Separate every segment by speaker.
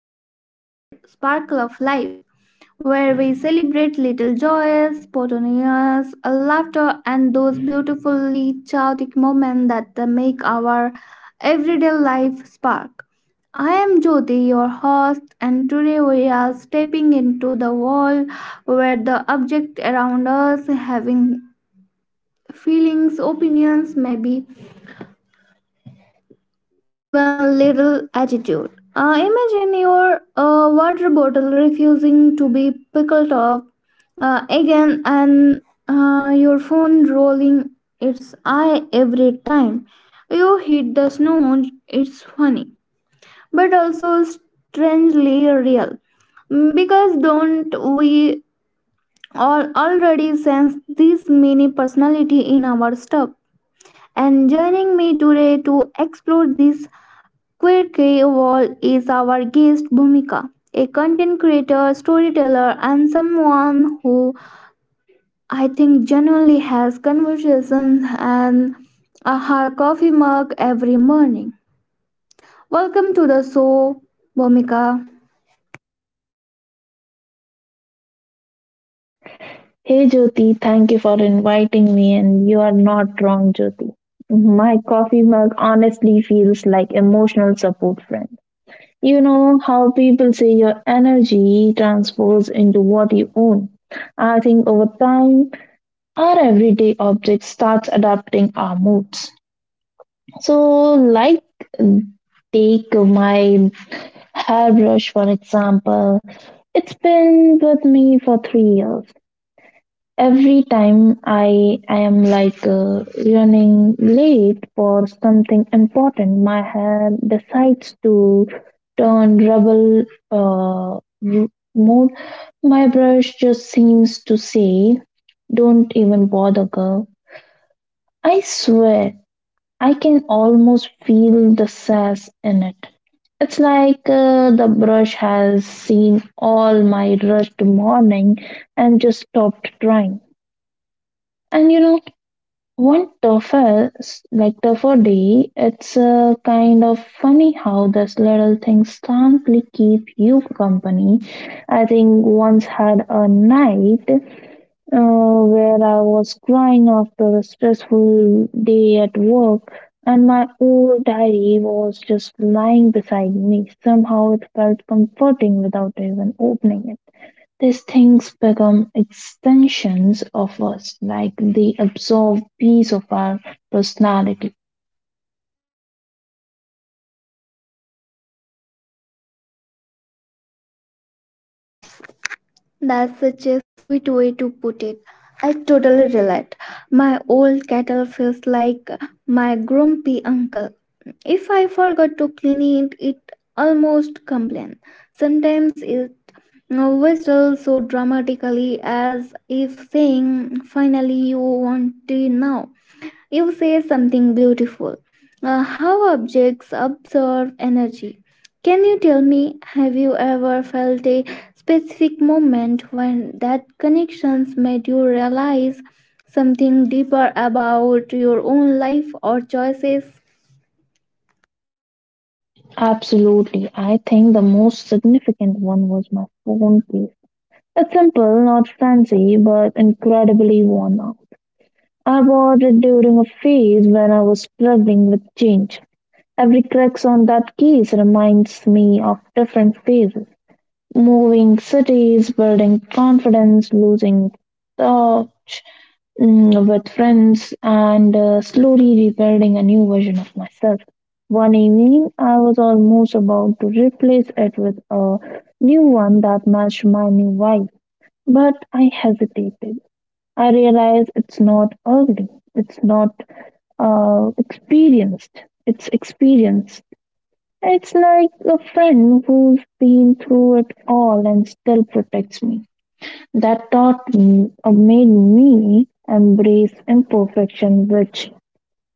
Speaker 1: welcome back to the Sparkle of Life, where we celebrate little joys, spontaneous laughter, and those beautifully chaotic moments that they make our everyday life spark. I am Jyoti, your host, and today we are stepping into the world where the objects around us having feelings, opinions, maybe even little attitude. Imagine your water bottle refusing to be pickled up again and your phone rolling its eye every time you hit the snow. It's funny, but also strangely real. Because don't we all already sense this mini personality in our stuff? And joining me today to explore this Queer Wall is our guest Bhumika, a content creator, storyteller, and someone who I think genuinely has conversations and a her coffee mug every morning. Welcome to the show, Bhumika.
Speaker 2: Hey Jyoti, thank you for inviting me, and you are not wrong, Jyoti. My coffee mug honestly feels like emotional support friend. You know how people say your energy transfers into what you own. I think over time, our everyday object starts adapting our moods. So, like, take my hairbrush for example. It's been with me for 3 years. Every time I am like, running late for something important, my head decides to turn rebel. uh, r- Mode. My brush just seems to say, "Don't even bother, girl." I swear, I can almost feel the sass in it. It's like, the brush has seen all my rushed morning and just stopped trying. And you know, one Toefl, like tougher day, it's, kind of funny how these little things simply keep you company. I think once had a night where I was crying after a stressful day at work, and my old diary was just lying beside me. Somehow it felt comforting without even opening it. These things become extensions of us, like they absorb piece of our personality.
Speaker 1: That's such a sweet way to put it. I totally relate. My old kettle feels like my grumpy uncle. If I forgot to clean it, it almost complains. Sometimes it now whistle so dramatically as if saying, "Finally, you want to now." You say something beautiful. How objects absorb energy. Can you tell me, have you ever felt a specific moment when that connections made you realize something deeper about your own life or choices?
Speaker 2: Absolutely. I think the most significant one was my phone case. It's simple, not fancy, but incredibly worn out. I bought it during a phase when I was struggling with change. Every crack on that case reminds me of different phases. Moving cities, building confidence, losing touch, with friends and, slowly rebuilding a new version of myself. One evening, I was almost about to replace it with a new one that matched my new wife, but I hesitated. I realized it's not ugly, it's not, experienced, it's experienced. It's like a friend who's been through it all and still protects me. That taught me or made me embrace imperfection, which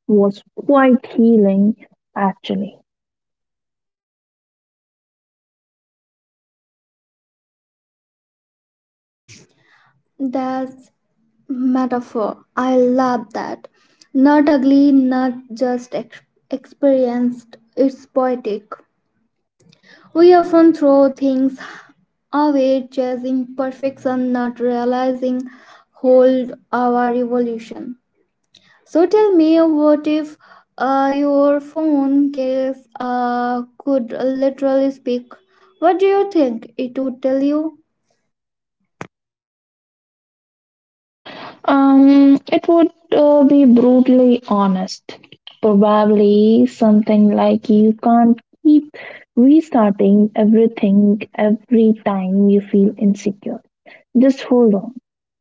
Speaker 2: was quite healing actually.
Speaker 1: Does metaphor. I love that. Not ugly, not just experienced, it's poetic. We often throw things away, chasing perfection, not realizing hold our evolution. So tell me, what if your phone case could literally speak? What do you think it would tell you?
Speaker 2: It would be brutally honest. Probably something like you can't keep restarting everything every time you feel insecure. Just hold on.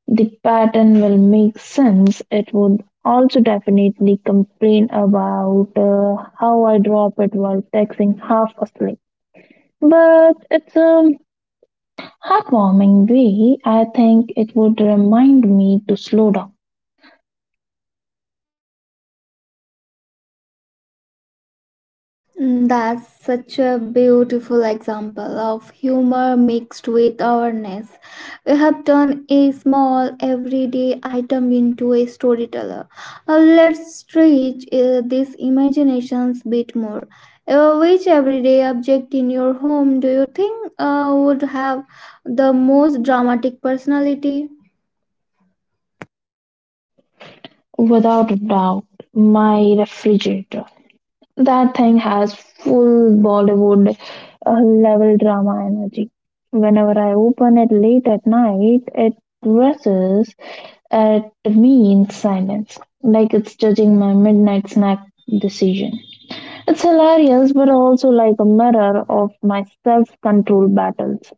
Speaker 2: The pattern will make sense. It would also definitely complain about, how I drop it while texting half asleep. But it's a heartwarming way. I think it would remind me to slow down.
Speaker 1: That's such a beautiful example of humor mixed with awareness. We have turned a small everyday item into a storyteller. Let's stretch this imaginations bit more. Which everyday object in your home do you think would have the most dramatic personality?
Speaker 2: Without a doubt, my refrigerator. That thing has full Bollywood, level drama energy. Whenever I open it late at night, it rushes at me in silence, like it's judging my midnight snack decision. It's hilarious, but also like a mirror of my self control battles.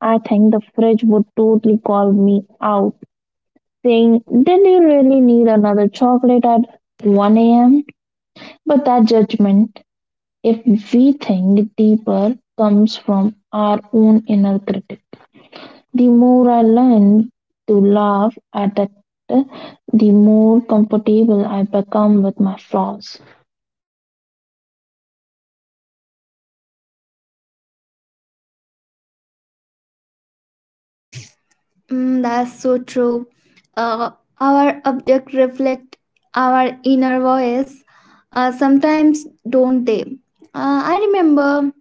Speaker 2: I think the fridge would totally call me out, saying, did you really need another chocolate at 1 a.m.? But that judgment, if we think deeper, comes from our own inner critic. The more I learn to laugh at it, the more comfortable I become with my flaws.
Speaker 1: That's so true. Uh, our object reflect our inner voice. Sometimes don't they? I remember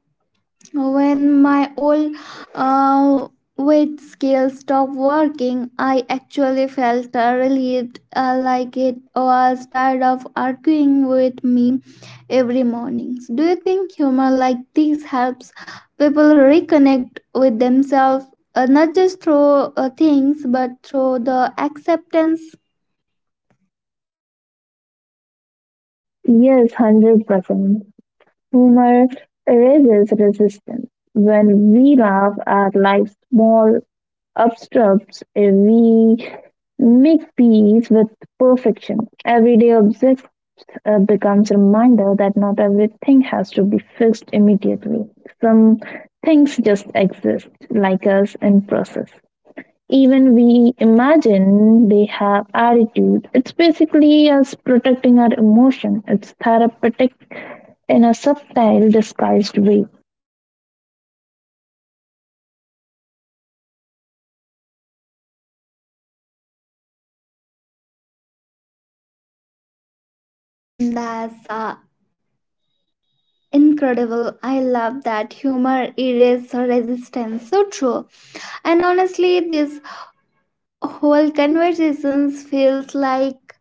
Speaker 1: when my old uh, weight scale stopped working, I actually felt relieved, like it was tired of arguing with me every morning. Do you think humor like this helps people reconnect with themselves, not just through things, but through the acceptance?
Speaker 2: Yes, 100%. Humor erases resistance. When we laugh at life's small obstructs, we make peace with perfection. Everyday objects, becomes a reminder that not everything has to be fixed immediately. Some things just exist, like us, in process. Even we imagine they have attitude. It's basically us protecting our emotion. It's therapeutic in a subtle, disguised way.
Speaker 1: That's incredible. I love that humor erases resistance. So true. And honestly, this whole conversations feels like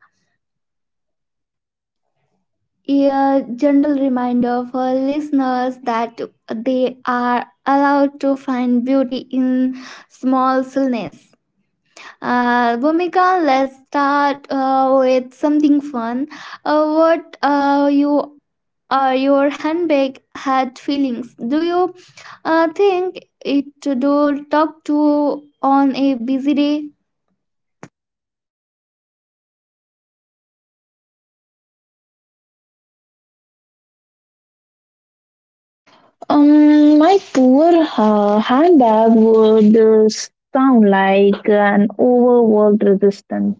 Speaker 1: a gentle reminder for listeners that they are allowed to find beauty in small stillness. Bhumika, let's start with something fun. What you or your handbag had feelings? Do you think it to do talk to on a busy day?
Speaker 2: My poor handbag would, sound like an overworked resistance.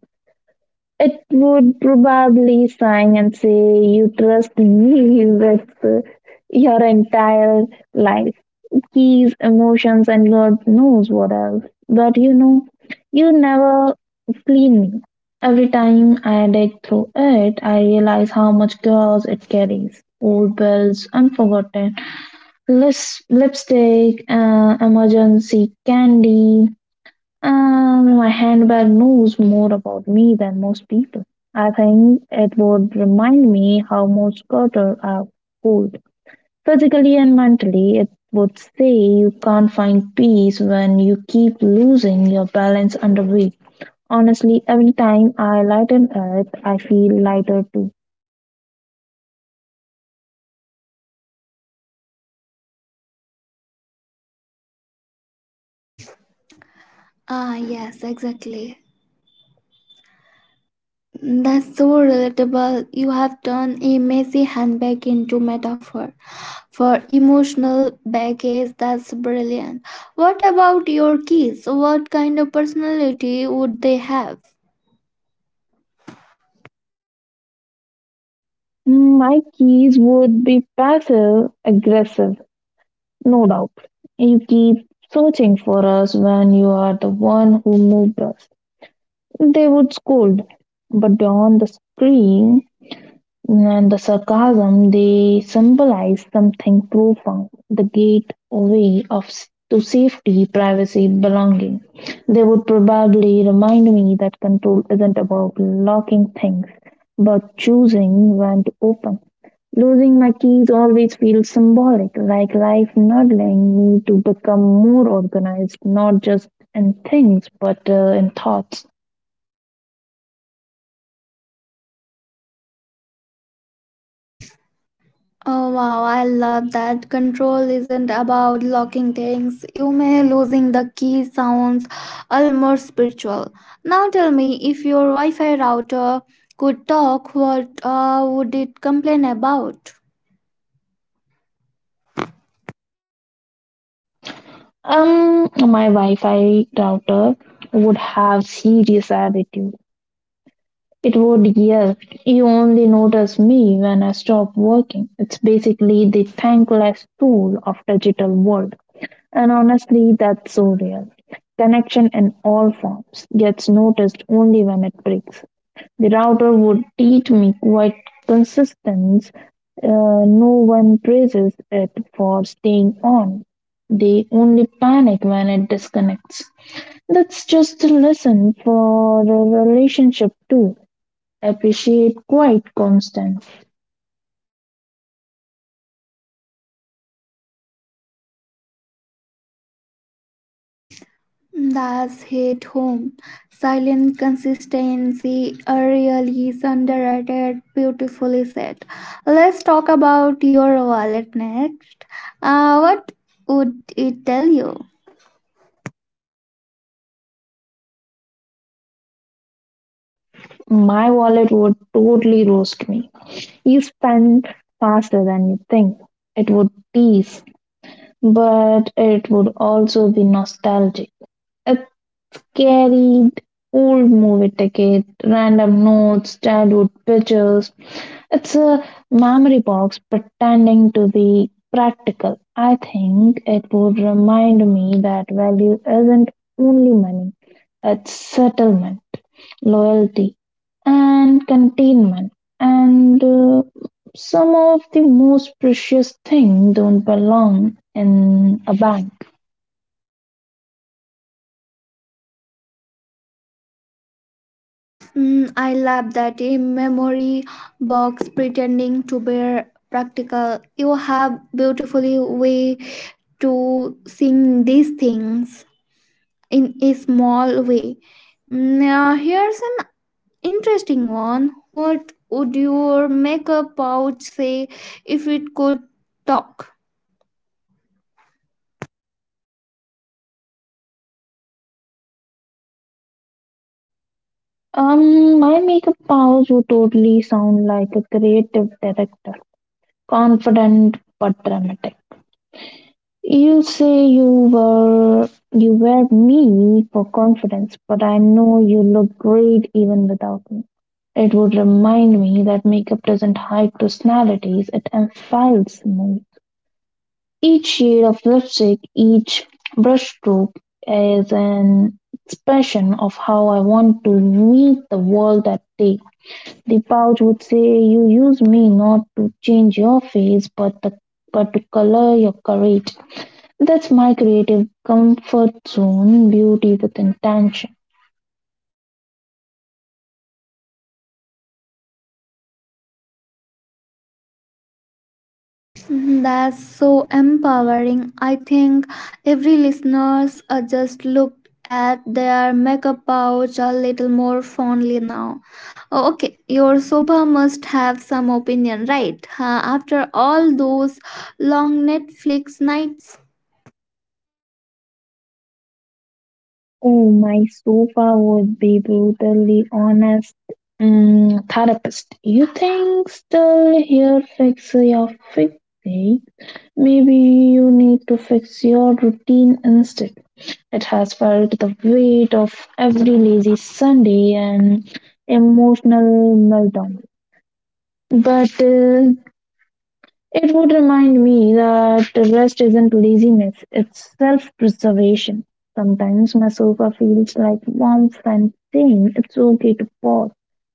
Speaker 2: It would probably sign and say, you trust me with, your entire life, keys, emotions, and God knows what else. But you know, you never clean me. Every time I dig through it, I realize how much chaos it carries. Old bills, unforgotten lips, lipstick, emergency candy, my handbag knows more about me than most people. I think it would remind me how much gutter I pulled. Physically and mentally, it would say you can't find peace when you keep losing your balance under weight. Honestly, every time I lighten it, I feel lighter too.
Speaker 1: Ah, yes, exactly. That's so relatable. You have turned a messy handbag into metaphor for emotional baggage. That's brilliant. What about your kids? What kind of personality would they have?
Speaker 2: My keys would be passive aggressive, no doubt. You keep searching for us when you are the one who moved us. They would scold, but beyond the scream and the sarcasm, they symbolize something profound, the gateway of, to safety, privacy, belonging. They would probably remind me that control isn't about locking things, but choosing when to open. Losing my keys always feels symbolic, like life nudging me to become more organized, not just in things, but, in thoughts.
Speaker 1: Oh wow, I love that. Control isn't about locking things. You may losing the key sounds almost spiritual. Now tell me if your Wi-Fi router could talk, what would it complain about?
Speaker 2: My Wi-Fi router would have serious attitude. It would yell, "You only notice me when I stop working." It's basically the thankless tool of digital world. And honestly, that's so real. Connection in all forms gets noticed only when it breaks. The router would teach me quite consistence. Uh, no one praises it for staying on. They only panic when it disconnects. That's just a lesson for a relationship too. Appreciate quite constant.
Speaker 1: That's hit home. Silent consistency a really is underrated, beautifully said. Let's talk about your wallet next. What would it tell you?
Speaker 2: My wallet would totally roast me. You spend faster than you think. It would tease, but it would also be nostalgic. It carried old movie ticket, random notes, childhood pictures. It's a memory box pretending to be practical. I think it would remind me that value isn't only money, it's settlement, loyalty, and containment. And, some of the most precious things don't belong in a bank.
Speaker 1: I love that a memory box pretending to be practical. You have beautifully way to sing these things in a small way. Now here's an interesting one. What would your makeup pouch say if it could talk?
Speaker 2: My makeup powers would totally sound like a creative director, confident but dramatic. You say you wear me for confidence, but I know you look great even without me. It would remind me that makeup doesn't hide personalities; it amplifies moods. Each shade of lipstick, each brushstroke is an expression of how I want to meet the world that day. The pouch would say, you use me not to change your face, but to color your courage. That's my creative comfort zone, beauty with intention.
Speaker 1: That's so empowering. I think every listeners just looked at their makeup pouch a little more fondly now. Oh, okay, your sofa must have some opinion, right? Huh, after all those long Netflix nights.
Speaker 2: Oh, my sofa would be brutally honest. Mm, therapist, you think still here fix your fix? Eh? Maybe you need to fix your routine instead. It has felt the weight of every lazy Sunday and emotional meltdown. But, it would remind me that rest isn't laziness, it's self preservation. Sometimes my sofa feels like warm friend saying it's okay to pause.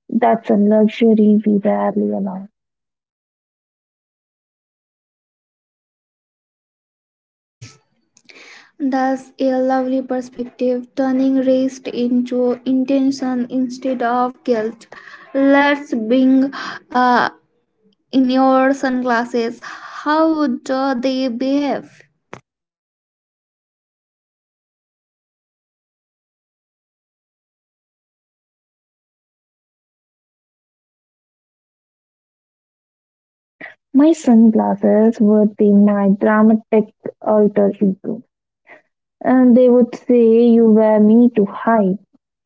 Speaker 2: That's a luxury we rarely allow.
Speaker 1: That's a lovely perspective, turning rest into intention instead of guilt. Let's bring uh, in your sunglasses. How do they behave?
Speaker 2: My sunglasses would be my dramatic alter ego. And they would say, you wear me to hide,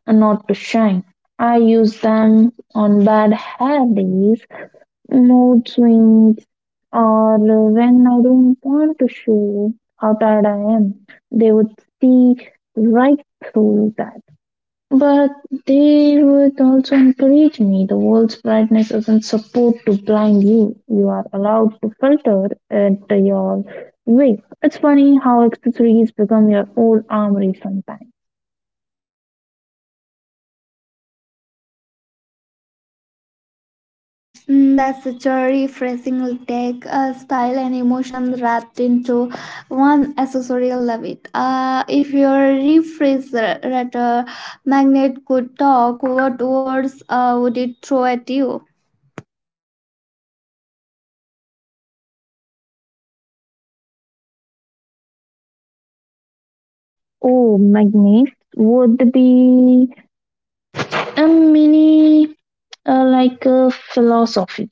Speaker 2: and not to shine. I use them on bad hair days, mood swings, or when I don't want to show how tired I am. They would see right through that. But they would also encourage me. The world's brightness isn't supposed to blind you. You are allowed to filter at your way. It's funny how accessories become your own armory sometimes.
Speaker 1: That's such a refreshing take, style and emotion wrapped into one accessory. I love it. If your refrigerator magnet could talk, what words would it throw at you?
Speaker 2: Oh, magnets would be a mini, like a philosophy.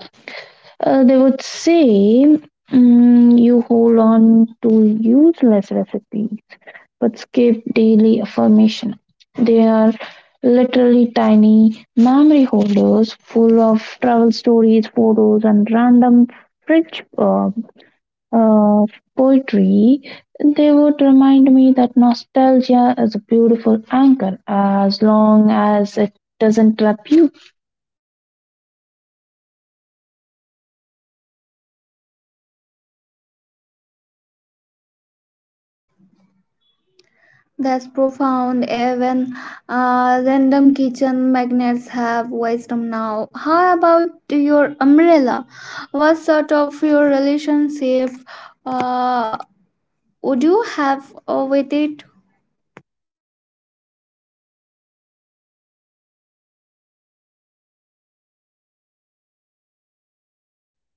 Speaker 2: They would say, you hold on to useless recipes but skip daily affirmation. They are literally tiny memory holders full of travel stories, photos, and random fridge uh, poetry. They would remind me that nostalgia is a beautiful anchor as long as it doesn't trap you.
Speaker 1: That's profound. Even random kitchen magnets have wisdom now. How about your umbrella? What sort of your relationship uh, would you have with it?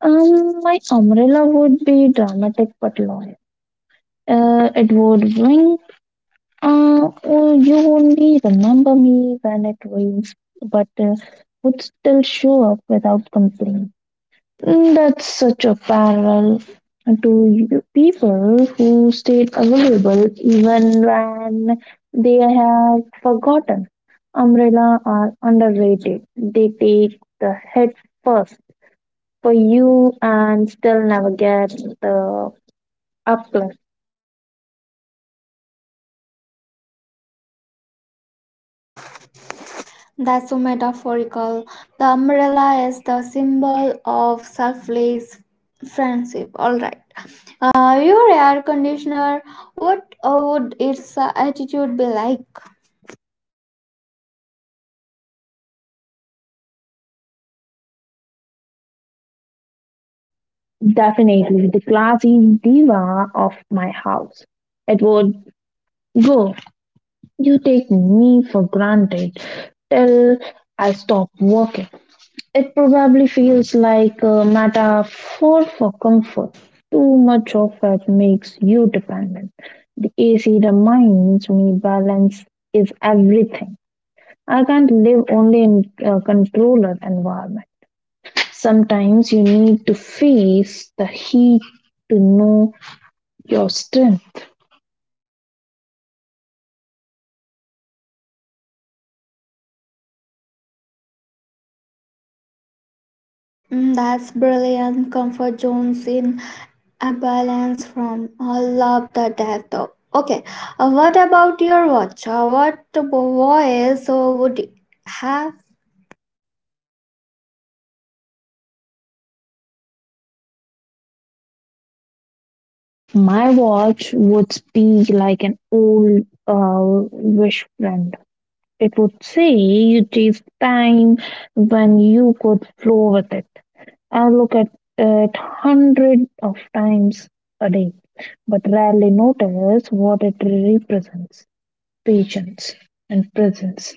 Speaker 2: My umbrella would be dramatic but loyal. It would wink. Oh, you only remember me when it rains, but, would still show up without complaint. Mm, that's such a parallel to you people who stayed available even when they have forgotten. Umbrella are underrated. They take the hit first for you and still never get the uplift.
Speaker 1: That's so metaphorical. The umbrella is the symbol of selfless friendship. All right. Your air conditioner, what would its attitude be like?
Speaker 2: Definitely the classy diva of my house. It would go, you take me for granted till I stop working. It probably feels like a metaphor for comfort. Too much of it makes you dependent. The AC reminds me balance is everything. I can't live only in a controller environment. Sometimes you need to face the heat to know your strength.
Speaker 1: That's brilliant. Comfort zones in a balance from all love the death though. Okay, what about your watch? What voice would you have?
Speaker 2: My watch would be like an old, wish friend. It would say you chase time when you could flow with it. I look at it hundred of times a day, but rarely notice what it represents: patience and presence.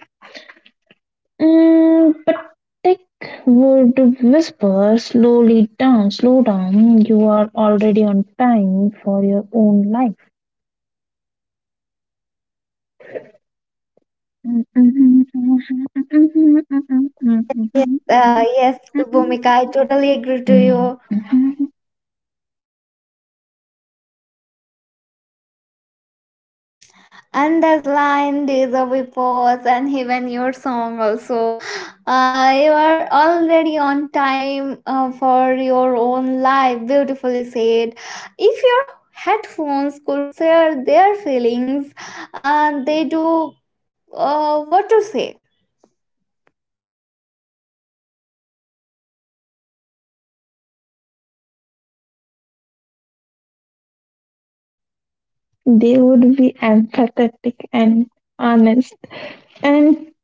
Speaker 2: Mm, but Dick would whisper, slowly down, slow down, you are already on time for your own life.
Speaker 1: Yes, Bhumika, I totally agree to
Speaker 2: Mm.
Speaker 1: you. And that line, days of we pause, and even your song also. You are already on time for your own life. Beautifully said. If your headphones could share their feelings, they do what to say?
Speaker 2: They would be empathetic and honest and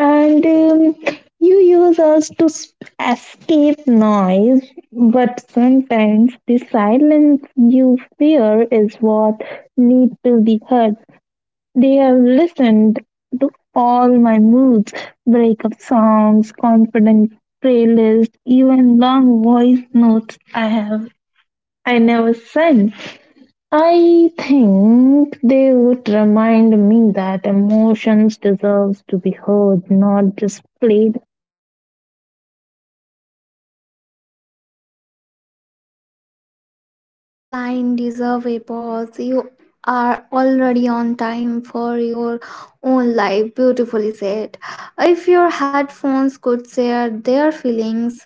Speaker 2: and you use us to, escape noise, but sometimes the silence you fear is what needs to be heard. They have listened to all my moods, breakup songs, confident playlist, even long voice notes I have. I never sent. I think they would remind me that emotions deserves to be heard, not just played.
Speaker 1: The line deserve a pause. You are already on time for your own life. Beautifully said. If your headphones could share their feelings,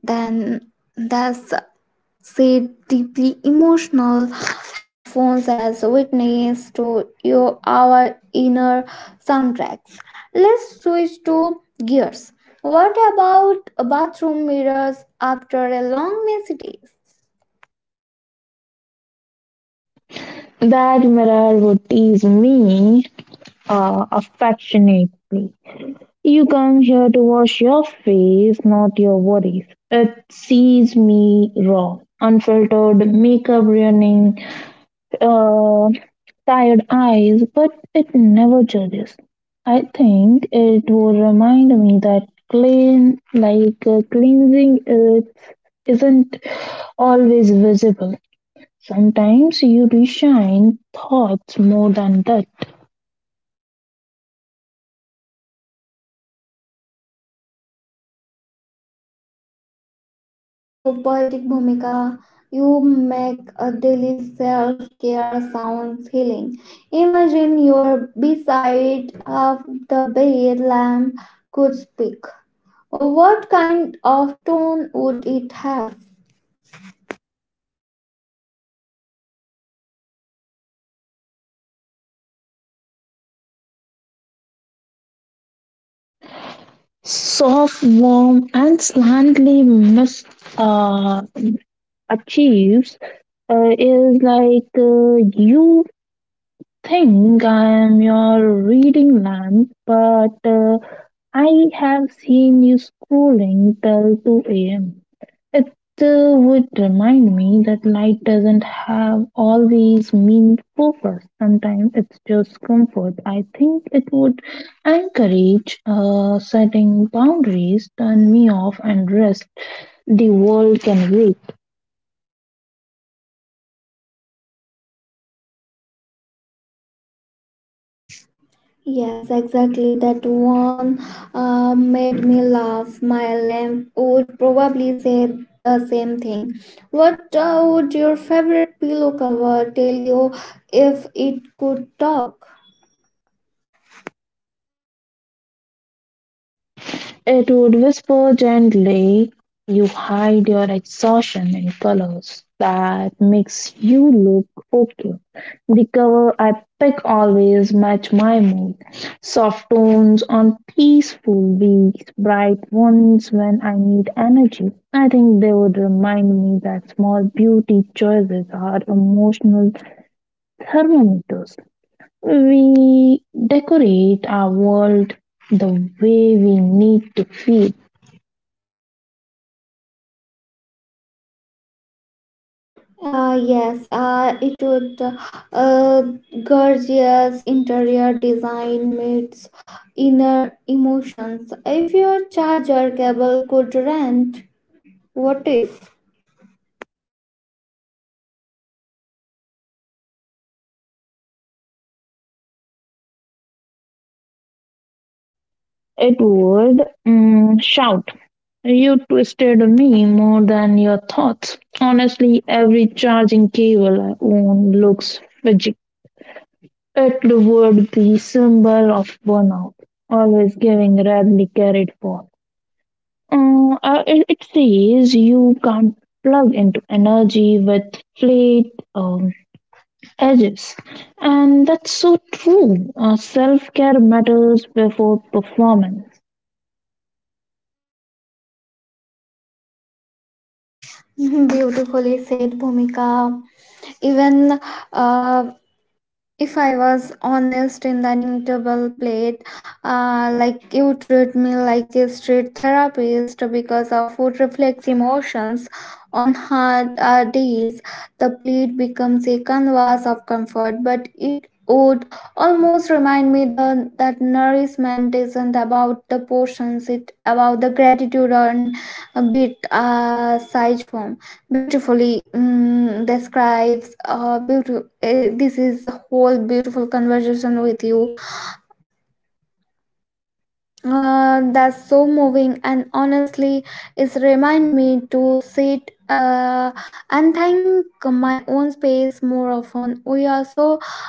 Speaker 1: then that's say deeply emotional headphones as witness to your our inner soundtracks, let's switch to gears. What about bathroom mirrors after a long messy day?
Speaker 2: That mirror would tease me, affectionately. You come here to wash your face, not your worries. It sees me raw, unfiltered, makeup running, uh, tired eyes, but it never judges. I think it will remind me that clean, like, cleansing, it isn't always visible. Sometimes you reshine thoughts more than that.
Speaker 1: They so poetic, Bhumika. You make a daily self-care sounds healing. Imagine you're beside of the bed lamp could speak. What kind of tone would it have?
Speaker 2: Soft, warm, and slightly mis uh, achieves, is like, you think I am your reading lamp, but, I have seen you scrolling till 2 a.m. It, would remind me that light doesn't have always mean purpose. Sometimes it's just comfort. I think it would encourage, setting boundaries, turn me off, and rest. The world can wait.
Speaker 1: Yes, exactly. That one made me laugh. My lamb would probably say the same thing. What would your favorite pillow cover tell you if it could talk?
Speaker 2: It would whisper gently, you hide your exhaustion in colors that makes you look okay. The cover I pick always match my mood. Soft tones on peaceful weeks, bright ones when I need energy. I think they would remind me that small beauty choices are emotional thermometers. We decorate our world the way we need to feel.
Speaker 1: Yes, it would. Uh, Gorgeous interior design meets inner emotions. If your charger cable could rant, what if?
Speaker 2: It would, shout, you twisted me more than your thoughts. Honestly, every charging cable I own looks fidgety. It would be symbol of burnout, always giving radly carried phone. It says you can't plug into energy with flat edges. And that's so true. Self care matters before performance.
Speaker 1: Beautifully said, Bhumika. Even uh, if I was honest in dining table plate, like you treat me like a street therapist because our food reflects emotions. On hard days, the plate becomes a canvas of comfort, but it would almost remind me the, that nourishment isn't about the portions, it's about the gratitude on a bit size form, beautifully describes beautiful. This is a whole beautiful conversation with you, that's so moving, and honestly it's remind me to sit and thank my own space more often. We are so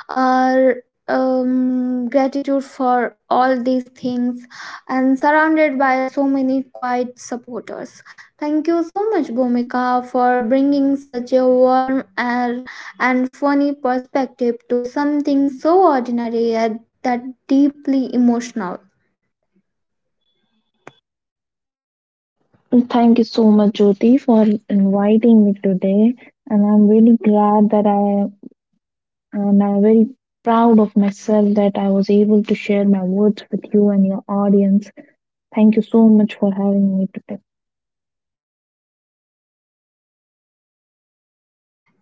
Speaker 1: uh, gratitude for all these things and surrounded by so many quiet supporters. Thank you so much, Bhumika, for bringing such a warm and funny perspective to something so ordinary yet that deeply emotional.
Speaker 2: Thank you so much, Jyoti, for inviting me today. And I'm really glad that I'm very proud of myself that I was able to share my words with you and your audience. Thank you so much for having me today.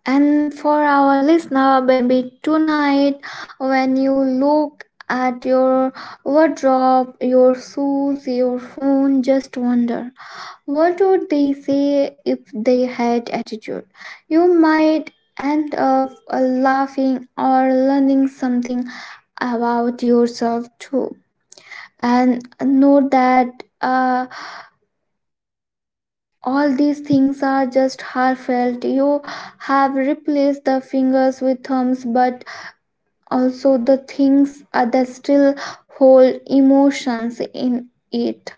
Speaker 1: And for our listener, maybe tonight, when you look at your wardrobe, your shoes, your phone, just wonder, what would they say if they had attitude? You might end up laughing or learning something about yourself too. And know that all these things are just heartfelt. You have replaced the fingers with thumbs, but also the things that still hold emotions in it,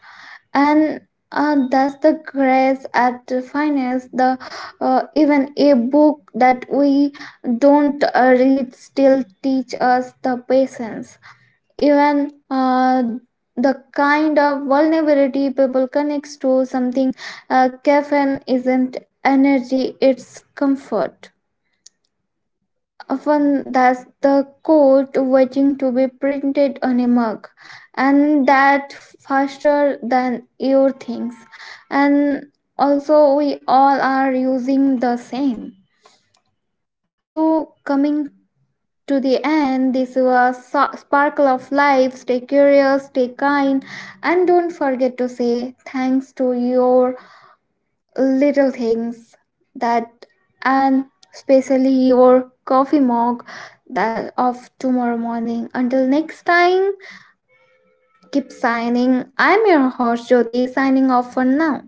Speaker 1: and that's the grace at finance the even a book that we don't read still teach us the patience, even the kind of vulnerability people connects to something. Caffeine isn't energy, it's comfort, often that's the coat waiting to be printed on a mug, and that faster than your things, and also we all are using the same. So coming to the end, this was Sparkle of Life. Stay curious, stay kind, and don't forget to say thanks to your little things, that, and especially your coffee mug, that of tomorrow morning. Until next time, keep signing. I'm your host, Jyoti, signing off for now.